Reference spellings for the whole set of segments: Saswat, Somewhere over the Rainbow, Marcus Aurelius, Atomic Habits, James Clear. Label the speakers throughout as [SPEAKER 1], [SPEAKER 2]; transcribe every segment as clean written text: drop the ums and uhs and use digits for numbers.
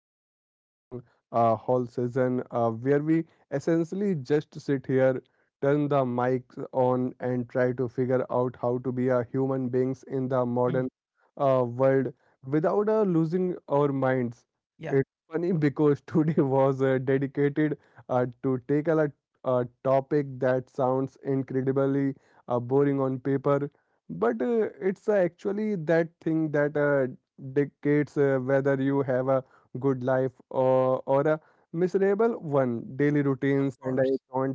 [SPEAKER 1] to another long haul season where we essentially just sit here, turn the mics on, and try to figure out how to be a human beings in the modern
[SPEAKER 2] Mm.
[SPEAKER 1] world without losing our minds.
[SPEAKER 2] Yeah,
[SPEAKER 1] It's funny because today was dedicated to take a topic that sounds incredibly boring on paper, but it's actually that thing that dictates whether you have a good life or a miserable one. Daily
[SPEAKER 2] of
[SPEAKER 1] routines and
[SPEAKER 2] course.
[SPEAKER 1] I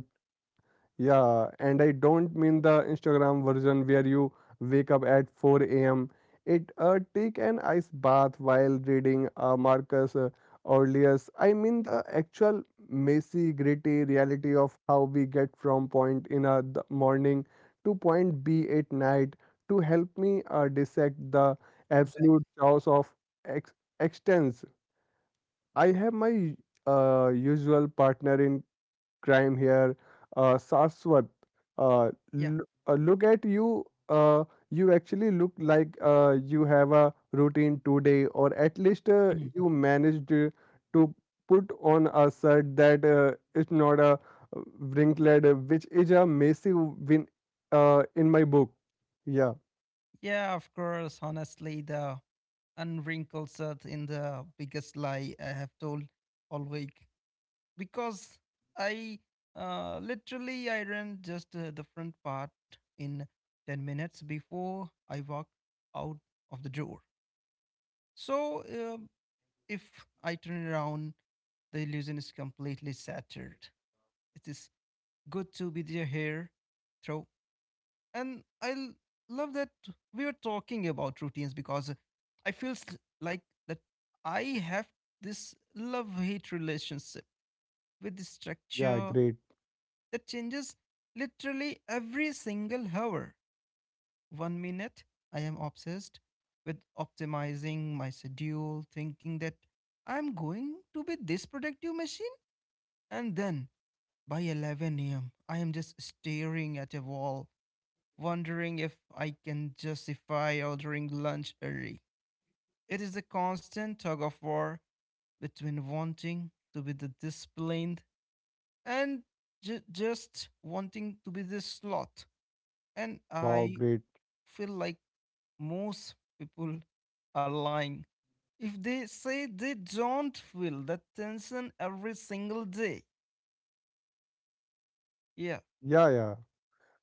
[SPEAKER 1] yeah, and I don't mean the Instagram version where you wake up at 4 a.m. It take an ice bath while reading Marcus Aurelius. I mean the actual messy, gritty reality of how we get from point in the morning to point B at night. To help me dissect the absolute
[SPEAKER 2] Exactly.
[SPEAKER 1] chaos of ex- existence, I have my usual partner in crime here. Saswat, uh,
[SPEAKER 2] Yeah.
[SPEAKER 1] l- look at you. You actually look like you have a routine today, or at least
[SPEAKER 2] Mm.
[SPEAKER 1] you managed to put on a shirt that is not a wrinkled, which is a massive win in my book. Yeah,
[SPEAKER 2] Yeah, of course. Honestly, the unwrinkled truth in the biggest lie I have told all week because I literally I ran just the front part in 10 minutes before I walked out of the door. So if I turn around, the illusion is completely shattered. It is good to be there here. Throw, and I love that we are talking about routines because I feel like that I have this love hate relationship with the
[SPEAKER 1] yeah,
[SPEAKER 2] structure
[SPEAKER 1] great.
[SPEAKER 2] that changes literally every single hour. One minute I am obsessed with optimizing my schedule, thinking that I'm going to be this productive machine, and then by 11 a.m. I am just staring at a wall wondering if I can justify ordering lunch early. It is a constant tug of war between wanting to be the disciplined and just wanting to be the sloth. And
[SPEAKER 1] Wow,
[SPEAKER 2] I
[SPEAKER 1] great.
[SPEAKER 2] feel like most people are lying if they say they don't feel that tension every single day. Yeah.
[SPEAKER 1] Yeah, yeah.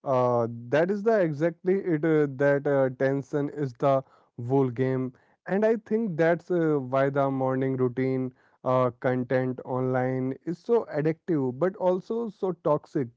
[SPEAKER 1] That is the exactly it that tension is the whole game, and I think that's why the morning routine content online is so addictive, but also so toxic,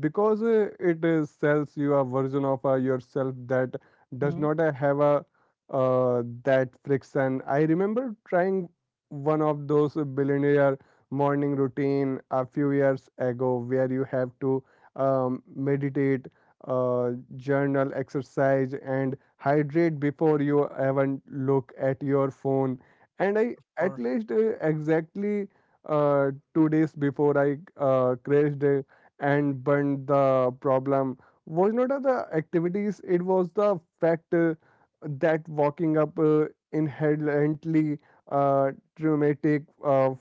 [SPEAKER 1] because it sells you a version of yourself that does
[SPEAKER 2] Hmm.
[SPEAKER 1] not have a that friction. I remember trying one of those billionaire morning routine a few years ago, where you have to meditate, uh, journal, exercise, and hydrate before you even look at your phone. And I
[SPEAKER 2] Of
[SPEAKER 1] at
[SPEAKER 2] course.
[SPEAKER 1] least exactly 2 days before I crashed and burned the problem was not the activities; it was the fact that walking up inherently traumatic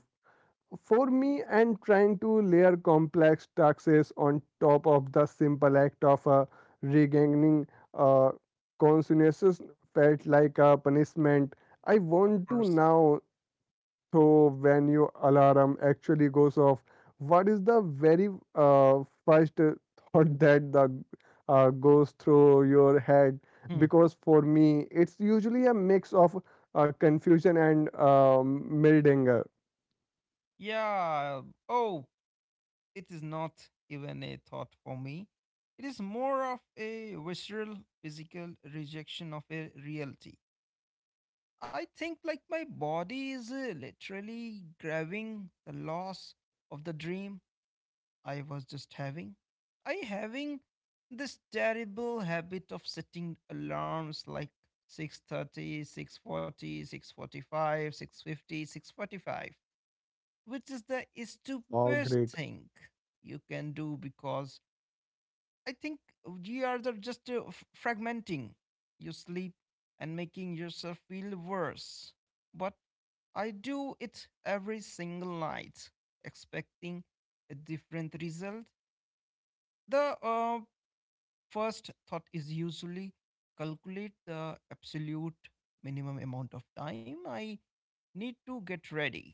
[SPEAKER 1] for me, and trying to layer complex taxes on top of the simple act of regaining uh, consciousness felt like a punishment. I
[SPEAKER 2] Of
[SPEAKER 1] want to
[SPEAKER 2] course.
[SPEAKER 1] now, so when your alarm actually goes off, what is the very first thought that the goes through your head?
[SPEAKER 2] Hmm.
[SPEAKER 1] Because for me, it's usually a mix of confusion and mild anger.
[SPEAKER 2] Yeah. Oh, it is not even a thought for me. It is more of a visceral, physical rejection of a reality. I think, like, my body is literally grabbing the loss of the dream I was just having. I having this terrible habit of setting alarms like 6:30, 6:40, 6:45, 6:50, 6:45, which is the
[SPEAKER 1] Wow,
[SPEAKER 2] stupidest
[SPEAKER 1] great,
[SPEAKER 2] thing you can do because, I think, you are just fragmenting your sleep and making yourself feel worse. But I do it every single night, expecting a different result. The first thought is usually calculate the absolute minimum amount of time I need to get ready,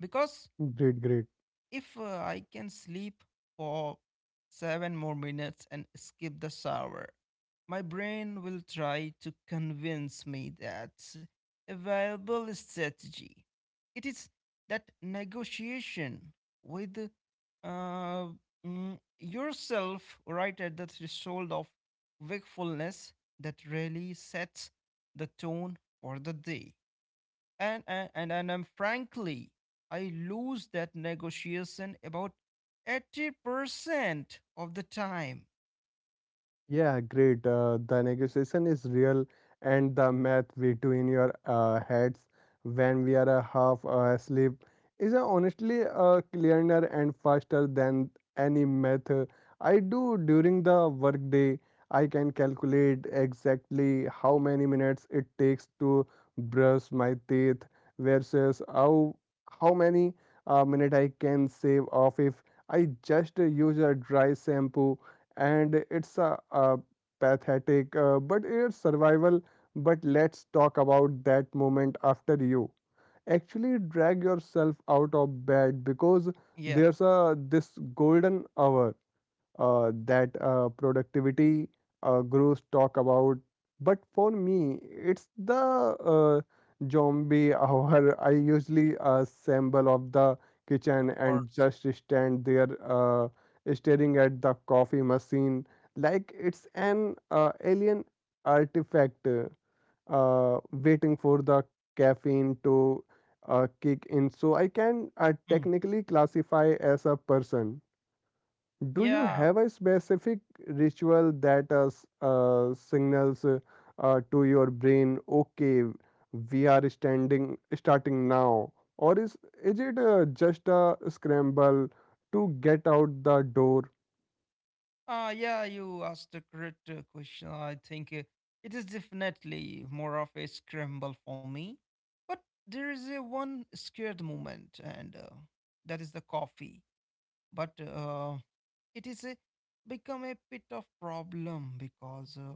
[SPEAKER 2] because
[SPEAKER 1] great, great.
[SPEAKER 2] if I can sleep for 7 more minutes and skip the shower, my brain will try to convince me that a viable strategy. It is that negotiation with uh, yourself right at the threshold of wakefulness that really sets the tone for the day. And, frankly, I lose that negotiation about 80% of the time.
[SPEAKER 1] Yeah, great. The negotiation is real, and the math we do in your heads when we are half asleep is honestly clearer and faster than any math I do during the workday. I can calculate exactly how many minutes it takes to brush my teeth versus how many minute I can save off if I just use a dry shampoo and it's a pathetic but it's survival but let's talk about that moment after you actually drag yourself out of bed because
[SPEAKER 2] Yeah,
[SPEAKER 1] there's a this golden hour that productivity gurus talk about. But for me, it's the zombie hour. I usually assemble of the
[SPEAKER 2] of
[SPEAKER 1] kitchen and
[SPEAKER 2] course.
[SPEAKER 1] just stand there staring at the coffee machine like it's an alien artifact waiting for the caffeine to kick in. So I can
[SPEAKER 2] Mm.
[SPEAKER 1] technically classify as a person. Do you
[SPEAKER 2] Yeah.
[SPEAKER 1] have a specific ritual that signals to your brain, okay, we are standing starting now, or is it just a scramble to get out the door?
[SPEAKER 2] Yeah, you asked a correct question. I think it is definitely more of a scramble for me, but there is a one scared moment, and that is the coffee. But it is a become a bit of problem because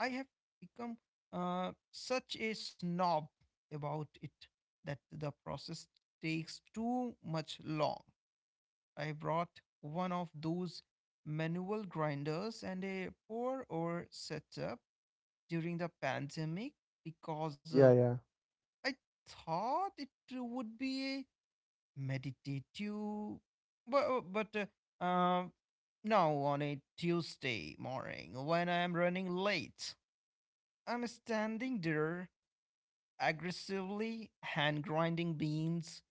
[SPEAKER 2] I have become such a snob about it that the process takes too much long. I brought one of those manual grinders and a pour or setup during the pandemic because
[SPEAKER 1] Yeah, yeah.
[SPEAKER 2] I thought it would be a meditative, but uh, uh, now on a Tuesday morning when I am running late, I'm standing there aggressively hand grinding beans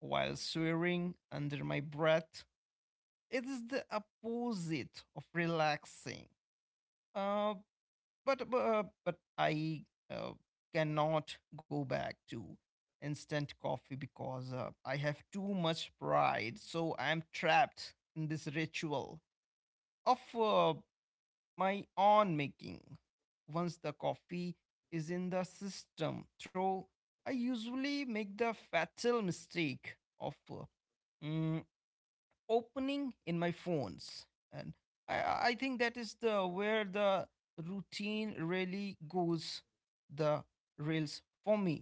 [SPEAKER 2] while swearing under my breath. It is the opposite of relaxing. Uh, but I cannot go back to instant coffee because I have too much pride. So I'm trapped in this ritual of my own making. Once the coffee is in the system, though, I usually make the fatal mistake of mm, opening in my phones, and I think that is the where the routine really goes the rails for me.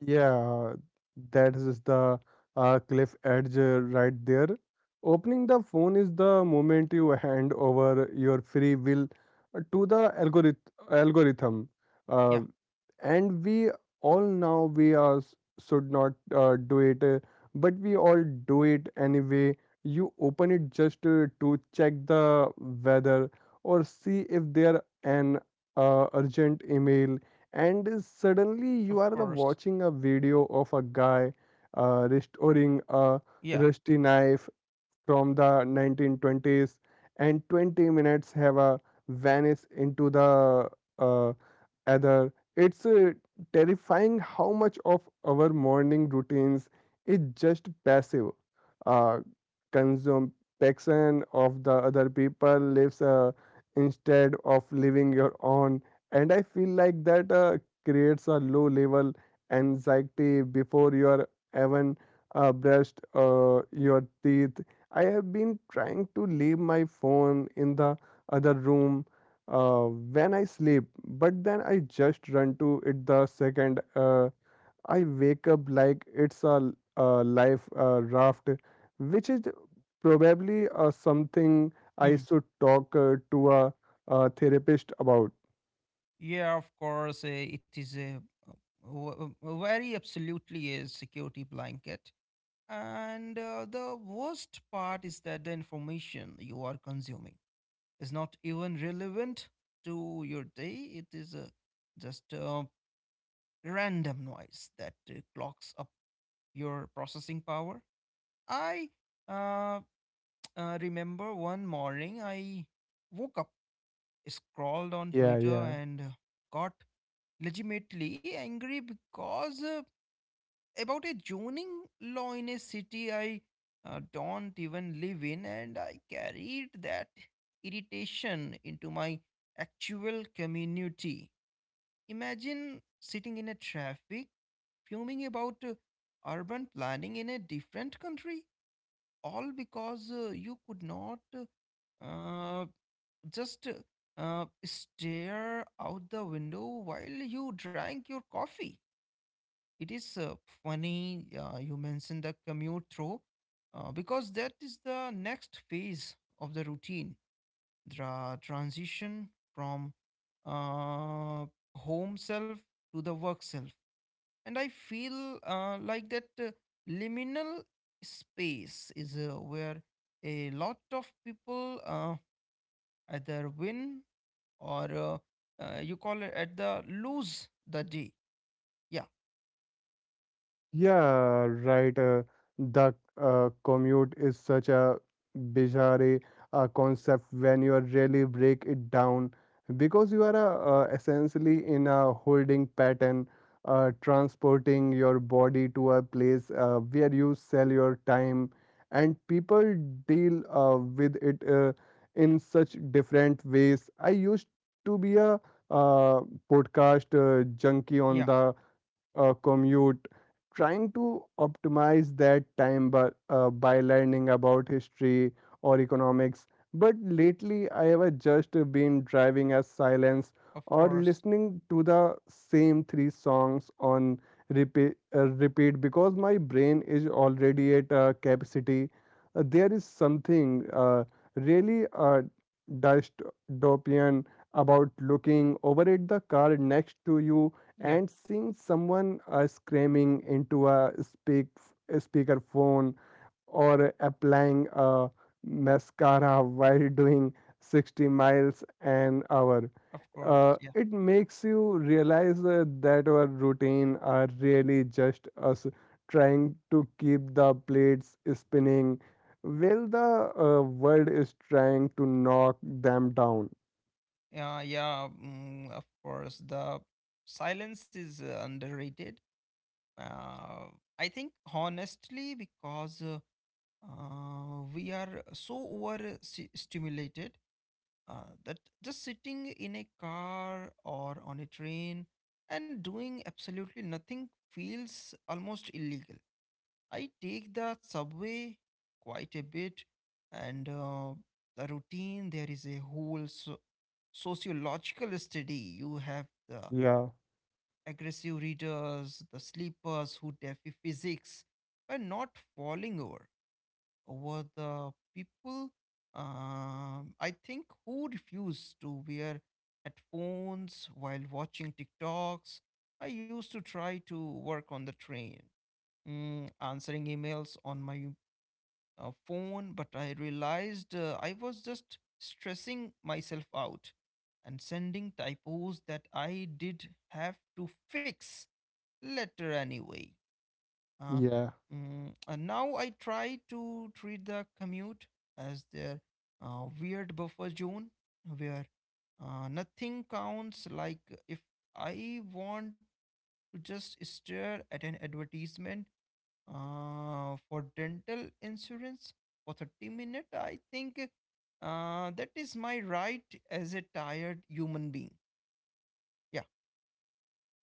[SPEAKER 1] Yeah, that is the cliff edge right there. Opening the phone is the moment you hand over your free will to the algorithm. Uh,
[SPEAKER 2] Yeah,
[SPEAKER 1] and we all know we should not do it, but we all do it anyway. You open it just to check the weather or see if there an urgent email and suddenly
[SPEAKER 2] of
[SPEAKER 1] you are the
[SPEAKER 2] course.
[SPEAKER 1] watching a video of a guy restoring a
[SPEAKER 2] Yeah.
[SPEAKER 1] rusty knife from the 1920s and 20 minutes have a vanish into the uh, other. It's terrifying how much of our morning routines is just passive uh, consumption of the other people lives instead of living your own. And I feel like that creates a low level anxiety before you're even brushed your teeth. I have been trying to leave my phone in the other room when I sleep, but then I just run to it the second I wake up like it's a life raft, which is probably something I
[SPEAKER 2] Hmm.
[SPEAKER 1] should talk to a therapist about.
[SPEAKER 2] Yeah, of course. It is a very absolutely a security blanket. And the worst part is that the information you are consuming is not even relevant to your day. It is just random noise that clocks up your processing power. I uh, remember one morning I woke up, scrolled on
[SPEAKER 1] Yeah,
[SPEAKER 2] Twitter,
[SPEAKER 1] yeah.
[SPEAKER 2] and got legitimately angry because about a zoning law in a city I don't even live in, and I carried that irritation into my actual community. Imagine sitting in a traffic, fuming about urban planning in a different country, all because you could not uh, just stare out the window while you drank your coffee. It is funny you mentioned the commute through, because that is the next phase of the routine, the transition from uh, home self to the work self. And I feel like that liminal space is where a lot of people either win or, you call it at the lose the day. Yeah.
[SPEAKER 1] Yeah, right. The commute is such a bizarre concept when you really break it down because you are essentially in a holding pattern, transporting your body to a place where you sell your time, and people deal with it in such different ways. I used to be a uh, podcast junkie
[SPEAKER 2] Yeah,
[SPEAKER 1] on the commute, trying to optimize that time by learning about history or economics. But lately, I have just been driving as silence
[SPEAKER 2] of
[SPEAKER 1] or
[SPEAKER 2] course.
[SPEAKER 1] listening to the same 3 songs on repeat because my brain is already at capacity. There is something really dystopian about looking over at the car next to you and seeing someone screaming into a speaker phone or applying a mascara while doing 60 miles an hour
[SPEAKER 2] Of course, yeah,
[SPEAKER 1] it makes you realize that our routine are really just us trying to keep the plates spinning while the world is trying to knock them down
[SPEAKER 2] yeah, yeah. Mm, of course, the silence is underrated. Uh, I think, honestly, because we are so over stimulated that just sitting in a car or on a train and doing absolutely nothing feels almost illegal. I take the subway quite a bit, and the routine there is a whole sociological study. You have the
[SPEAKER 1] yeah
[SPEAKER 2] aggressive readers, the sleepers who defy physics by not falling over, over the people, I think, who refuse to wear headphones while watching TikToks. I used to try to work on the train, answering emails on my phone, but I realized I was just stressing myself out and sending typos that I did have to fix later anyway. Uh,
[SPEAKER 1] yeah.
[SPEAKER 2] and now I try to treat the commute as their weird buffer zone where nothing counts. Like, if I want to just stare at an advertisement for dental insurance for 30 minutes, I think that is my right as a tired human being. Yeah.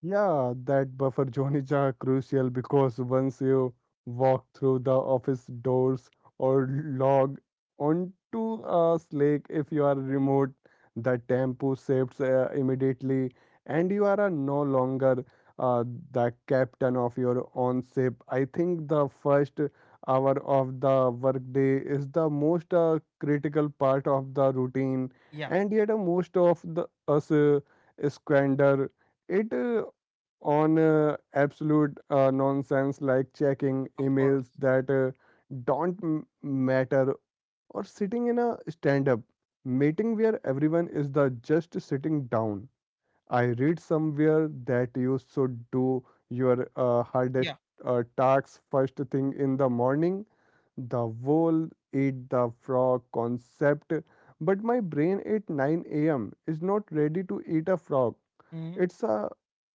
[SPEAKER 1] Yeah, that buffer zone is crucial because once you walk through the office doors or log onto a Slack if you are remote, the tempo shifts immediately and you are no longer uh, the captain of your own ship. I think the 1st hour of the workday is the most critical part of the routine,
[SPEAKER 2] Yeah,
[SPEAKER 1] and yet most of the us squander it on absolute nonsense like checking
[SPEAKER 2] of course.
[SPEAKER 1] emails that don't matter or sitting in a stand up meeting where everyone is the just sitting down I read somewhere that you should do your
[SPEAKER 2] Yeah.
[SPEAKER 1] hardest tasks first thing in the morning. The whole eat the frog concept, but my brain at 9 a.m. is not ready to eat a frog.
[SPEAKER 2] Mhm.
[SPEAKER 1] It's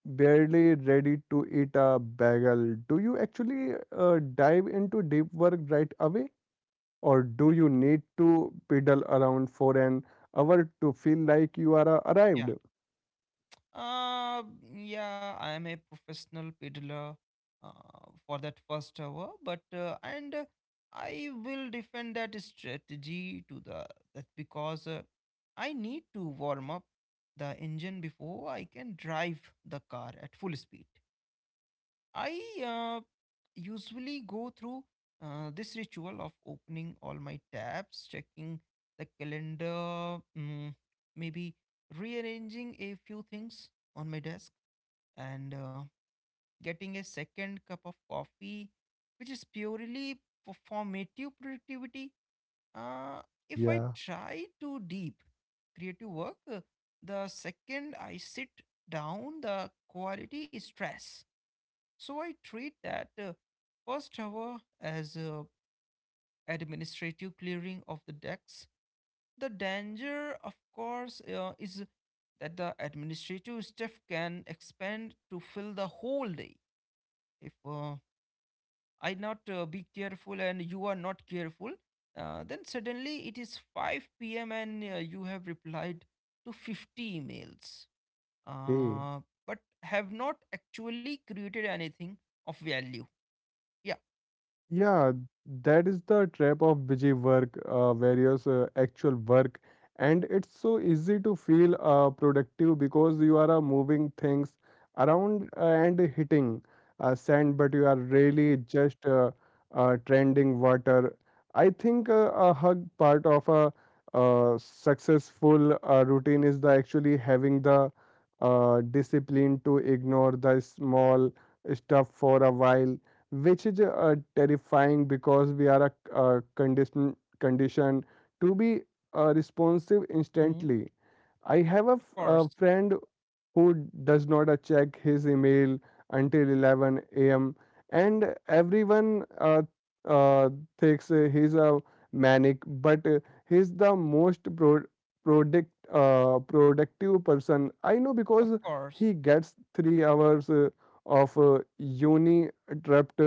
[SPEAKER 1] barely ready to eat a bagel. Do you actually dive into deep work right away, or do you need to pedal around for an hour to feel like you are
[SPEAKER 2] yeah
[SPEAKER 1] arrived?
[SPEAKER 2] uh, yeah, I am a professional peddler for that first hour, but and I will defend that strategy to the that because I need to warm up the engine before I can drive the car at full speed. I usually go through this ritual of opening all my tabs, checking the calendar, maybe rearranging a few things on my desk, and getting a second cup of coffee, which is purely for formative productivity. Uh, if I
[SPEAKER 1] Yeah.
[SPEAKER 2] try to deep creative work, the second I sit down, the quality is stress. So I treat that first hour as a administrative clearing of the decks. The danger, of course, is that the administrative staff can expand to fill the whole day. If I not be careful, and you are not careful, then suddenly it is 5 p.m. and you have replied to 50 emails,
[SPEAKER 1] Okay.
[SPEAKER 2] uh, but have not actually created anything of value. Yeah.
[SPEAKER 1] Yeah, that is the trap of busy work, various actual work. And it's so easy to feel productive because you are moving things around and hitting sand, but you are really just trending water. I think a hug part of a successful routine is the actually having the discipline to ignore the small stuff for a while which is terrifying because we are conditioned to be responsive instantly I have
[SPEAKER 2] Of
[SPEAKER 1] a
[SPEAKER 2] course,
[SPEAKER 1] friend who does not check his email until 11 a.m. and everyone uh, thinks he's a manic, but he's the most productive person I know
[SPEAKER 2] of
[SPEAKER 1] because
[SPEAKER 2] course,
[SPEAKER 1] he gets 3 hours of uni trapped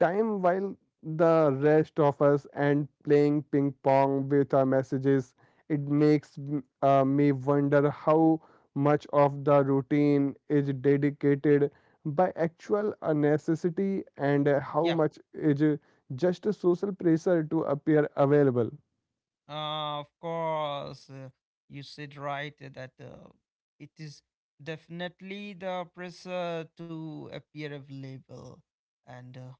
[SPEAKER 1] time while the rest of us and playing ping pong with our messages it makes me wonder how much of the routine is dedicated by actual necessity and how
[SPEAKER 2] yeah,
[SPEAKER 1] much is just a social pressure to appear available.
[SPEAKER 2] of course. You said right that, it is definitely the pressure to appear available, and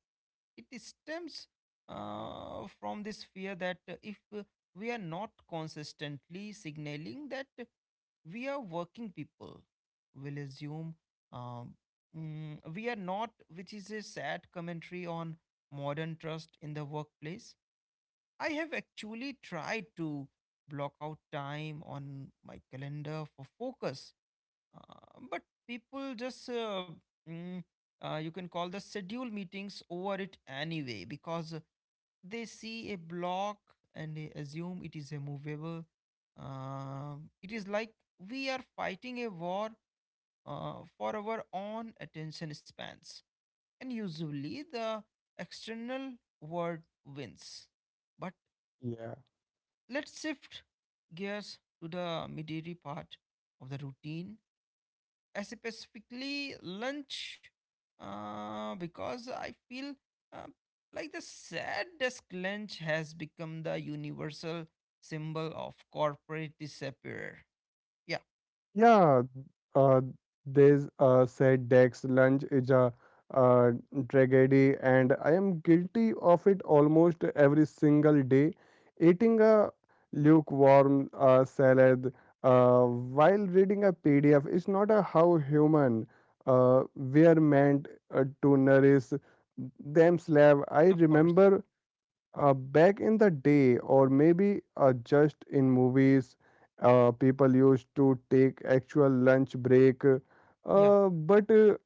[SPEAKER 2] it stems from this fear that if we are not consistently signaling that we are working, people will assume um, we are not, which is a sad commentary on modern trust in the workplace. I have actually tried to block out time on my calendar for focus, but people just, mm, you can call the schedule meetings over it anyway because they see a block and they assume it is immovable. Uh, it is like we are fighting a war for our own attention spans, and usually the external world wins. But
[SPEAKER 1] Yeah.
[SPEAKER 2] let's shift gears to the midday part of the routine, specifically lunch, because I feel um, like the sad desk lunch has become the universal symbol of corporate disappear. Yeah,
[SPEAKER 1] Yeah, uh, there's said Dex lunch is a uh, tragedy, and I am guilty of it almost every single day. Eating a lukewarm salad while reading a PDF is not a how human we are meant to nourish themselves. I
[SPEAKER 2] of course.
[SPEAKER 1] remember back in the day, or maybe just in movies, people used to take actual lunch break.
[SPEAKER 2] Yeah.
[SPEAKER 1] But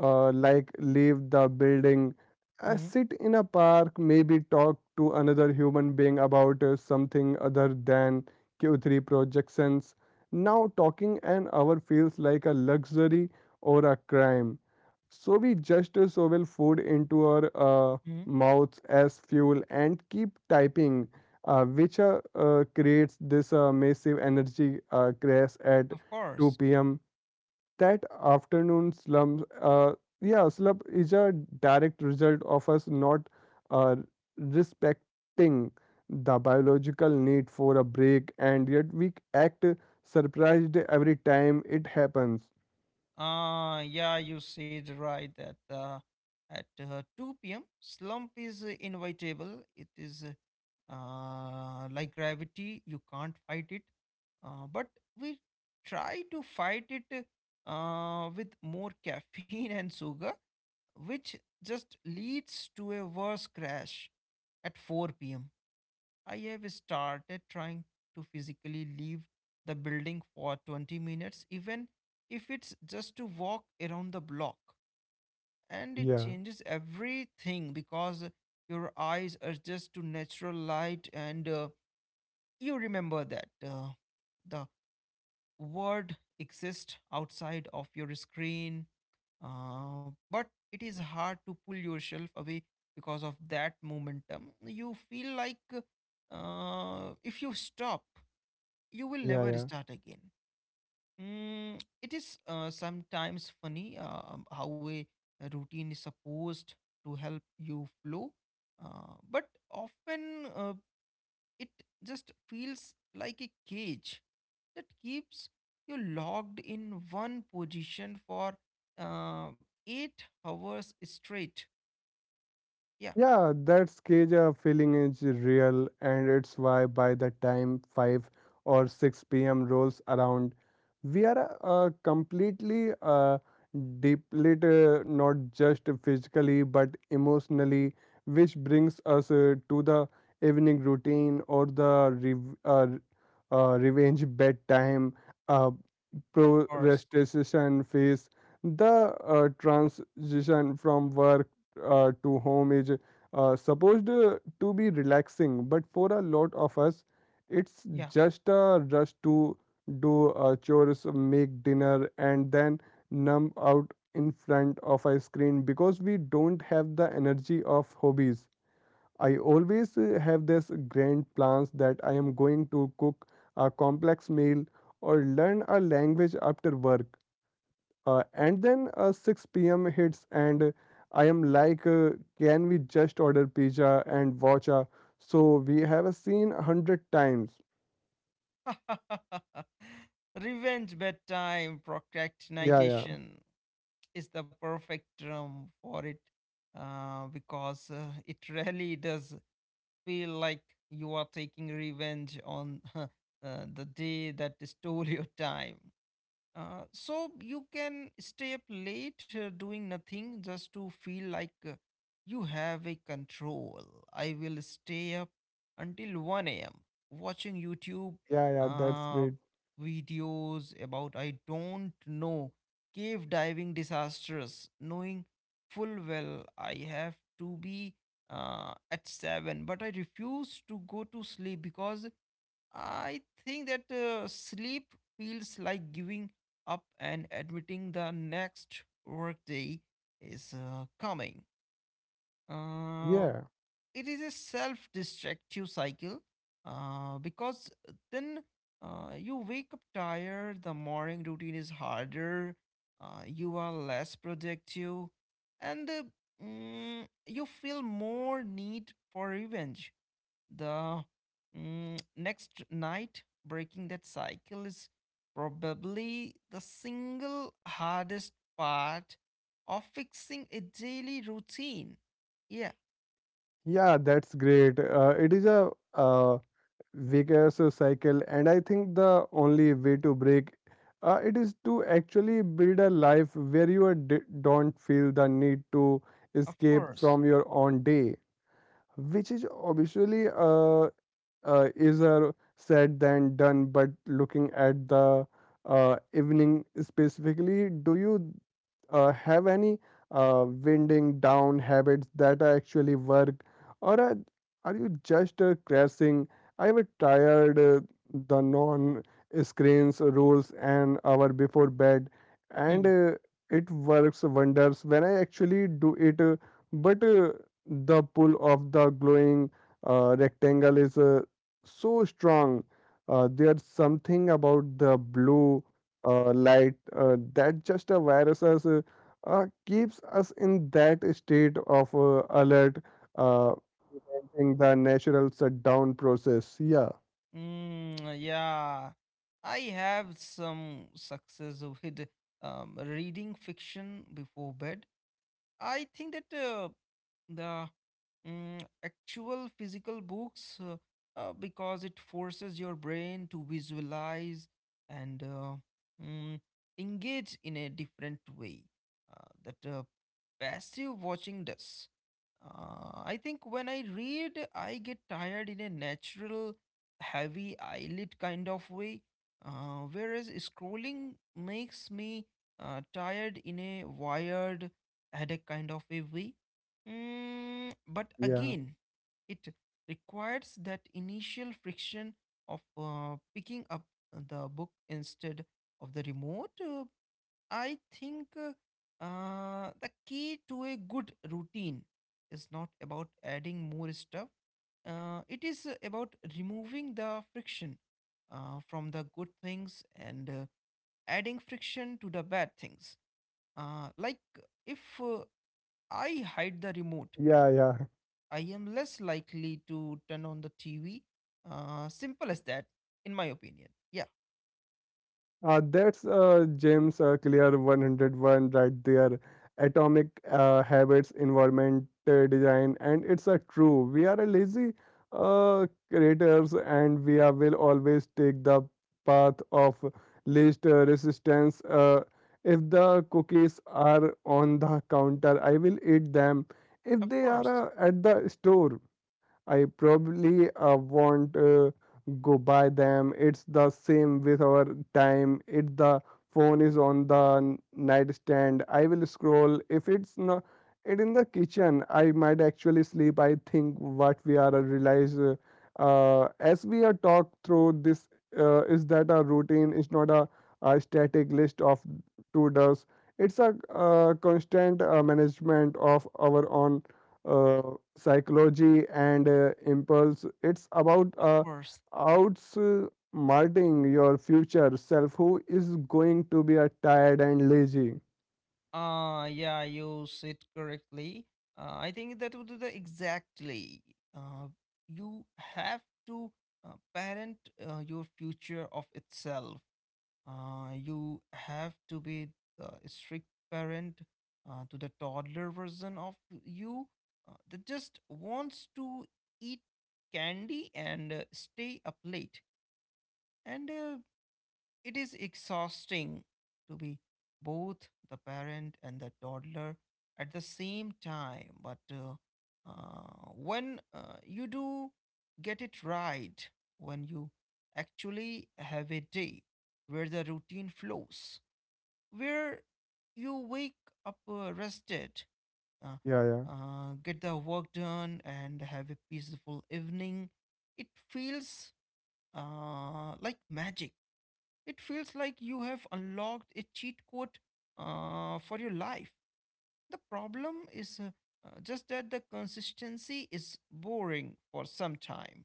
[SPEAKER 1] like leave the building, sit in a park, maybe talk to another human being about something other than Q3 projections. Now, talking an hour feels like a luxury or a crime. So, we just shovel food into our
[SPEAKER 2] Hmm.
[SPEAKER 1] mouths as fuel and keep typing, which creates this massive energy crash at
[SPEAKER 2] Of
[SPEAKER 1] 2
[SPEAKER 2] course.
[SPEAKER 1] p.m that afternoon slump, yeah, slump is a direct result of us not uh, respecting the biological need for a break, and yet we act surprised every time it happens.
[SPEAKER 2] Yeah, you said right that, at 2 p.m. slump is inevitable. It is, like gravity, you can't fight it. But we try to fight it with more caffeine and sugar, which just leads to a worse crash at 4 p.m. I have started trying to physically leave the building for 20 minutes, even if it's just to walk around the block. And it
[SPEAKER 1] Yeah,
[SPEAKER 2] changes everything because your eyes are just to natural light, and you remember that the world exists outside of your screen, but it is hard to pull yourself away because of that momentum. You feel like, if you stop, you will
[SPEAKER 1] yeah,
[SPEAKER 2] never
[SPEAKER 1] yeah.
[SPEAKER 2] start again. Mm, it is sometimes funny how a routine is supposed to help you flow, but often it just feels like a cage that keeps you locked in one position for uh, 8 hours straight. Yeah,
[SPEAKER 1] Yeah, that cage feeling is real, and it's why by the time 5 or 6 p.m. rolls around. We are completely depleted, not just physically but emotionally, which brings us to the evening routine or the revenge bedtime. Uh,
[SPEAKER 2] of course.
[SPEAKER 1] Pro-restoration phase, the transition from work to home is supposed to be relaxing, but for a lot of us, it's
[SPEAKER 2] Yeah.
[SPEAKER 1] just a rush to do chores, make dinner, and then numb out in front of a screen because we don't have the energy of hobbies. I always have this grand plans that I am going to cook a complex meal or learn a language after work. And then 6 p.m. hits, and I am like, can we just order pizza and watch a so we have a scene a hundred times?
[SPEAKER 2] Revenge bedtime
[SPEAKER 1] Yeah, yeah,
[SPEAKER 2] procrastination is the perfect term for it because it really does feel like you are taking revenge on the day that stole your time. So you can stay up late doing nothing just to feel like you have a control. I will stay up until 1 a.m. watching YouTube
[SPEAKER 1] yeah, yeah, that's
[SPEAKER 2] uh,
[SPEAKER 1] great.
[SPEAKER 2] videos about, I don't know, cave diving disasters, knowing full well I have to be at 7, but I refuse to go to sleep because I think that sleep feels like giving up and admitting the next workday is coming. Uh,
[SPEAKER 1] Yeah,
[SPEAKER 2] it is a self destructive cycle because then you wake up tired, the morning routine is harder, you are less productive, and you feel more need for revenge the next night. Breaking that cycle is probably the single hardest part of fixing a daily routine. Yeah,
[SPEAKER 1] yeah, that's great. It is a vicious cycle, and I think the only way to break it is to actually build a life where you are don't feel the need to
[SPEAKER 2] of
[SPEAKER 1] escape
[SPEAKER 2] course.
[SPEAKER 1] from your own day, which is obviously easier said than done. But looking at the evening specifically, do you have any winding down habits that actually work, or are, are you just crashing? I have tired the non screens rules an hour before bed, and
[SPEAKER 2] Hmm.
[SPEAKER 1] it works wonders when I actually do it. But the pull of the glowing rectangle is so strong. There's something about the blue light that just a virus keeps us in that state of alert, uh, preventing the natural shutdown process. Yeah,
[SPEAKER 2] Yeah, I have some success with reading fiction before bed. I think that, the actual physical books, because it forces your brain to visualize and mm, engage in a different way, that passive watching does. I think when I read, I get tired in a natural, heavy eyelid kind of way, whereas scrolling makes me tired in a wired headache kind of a way. Mm, but
[SPEAKER 1] yeah,
[SPEAKER 2] again, it requires that initial friction of picking up the book instead of the remote. I think the key to a good routine is not about adding more stuff. It is about removing the friction from the good things and adding friction to the bad things. Like, if I hide the remote,
[SPEAKER 1] yeah, yeah.
[SPEAKER 2] I am less likely to turn on the TV. Simple as that, in my opinion. Yeah,
[SPEAKER 1] That's James Clear 101 right there. Atomic habits, environment design, and it's a true. We are a lazy creators, and will always take the path of least resistance. If the cookies are on the counter, I will eat them. If
[SPEAKER 2] of
[SPEAKER 1] they
[SPEAKER 2] course,
[SPEAKER 1] are at the store, I probably won't go buy them. It's the same with our time. If the phone is on the nightstand, I will scroll. If it's not it in the kitchen, I might actually sleep. I think what we are realize as we are talk through this is that a routine is not a static list of to does. It's a constant management of our own uh, psychology and impulse. It's about
[SPEAKER 2] of course.
[SPEAKER 1] outsmarting your future self who is going to be a tired and lazy.
[SPEAKER 2] Yeah, you said correctly. I think that would do the exactly. Uh, you have to parent your future of itself. You have to be a strict parent to the toddler version of you that just wants to eat candy and stay up late, and it is exhausting to be both the parent and the toddler at the same time, but when you do get it right, when you actually have a day where the routine flows, where you wake up rested, uh,
[SPEAKER 1] Yeah, yeah.
[SPEAKER 2] get the work done, and have a peaceful evening, it feels like magic. It feels like you have unlocked a cheat code for your life. The problem is just that the consistency is boring for some time,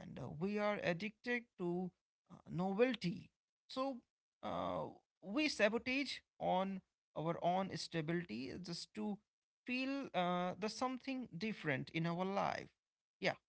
[SPEAKER 2] and we are addicted to novelty. So uh, we sabotage on our own stability just to feel the something different in our life. Yeah,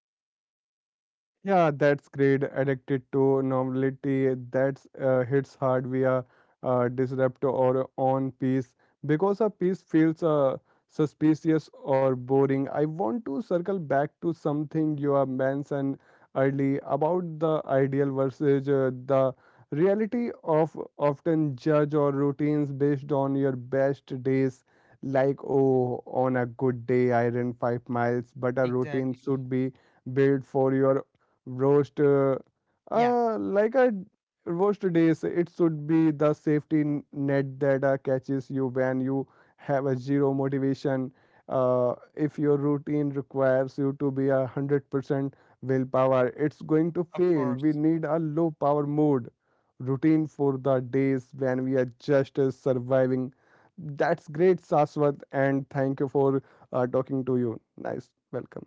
[SPEAKER 1] Yeah, that's great. Addicted to normality. That's hits hard via disrupt or on piece because a piece feels suspicious or boring. I want to circle back to something you have mentioned early about the ideal versus the reality of often judge or routines based on your best days. Like, oh, on a good day, I run 5 miles, but a routine
[SPEAKER 2] exactly.
[SPEAKER 1] should be built for your roast
[SPEAKER 2] Yeah,
[SPEAKER 1] like a roast days. It should be the safety net that catches you when you have a zero motivation. Uh, If your routine requires you to be 100% willpower, it's going to
[SPEAKER 2] of
[SPEAKER 1] fail. We
[SPEAKER 2] course.
[SPEAKER 1] need a low power mode routine for the days when we are just surviving. That's great, Saswat, and thank you for talking to you. Nice welcome.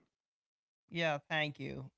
[SPEAKER 2] Yeah, thank you.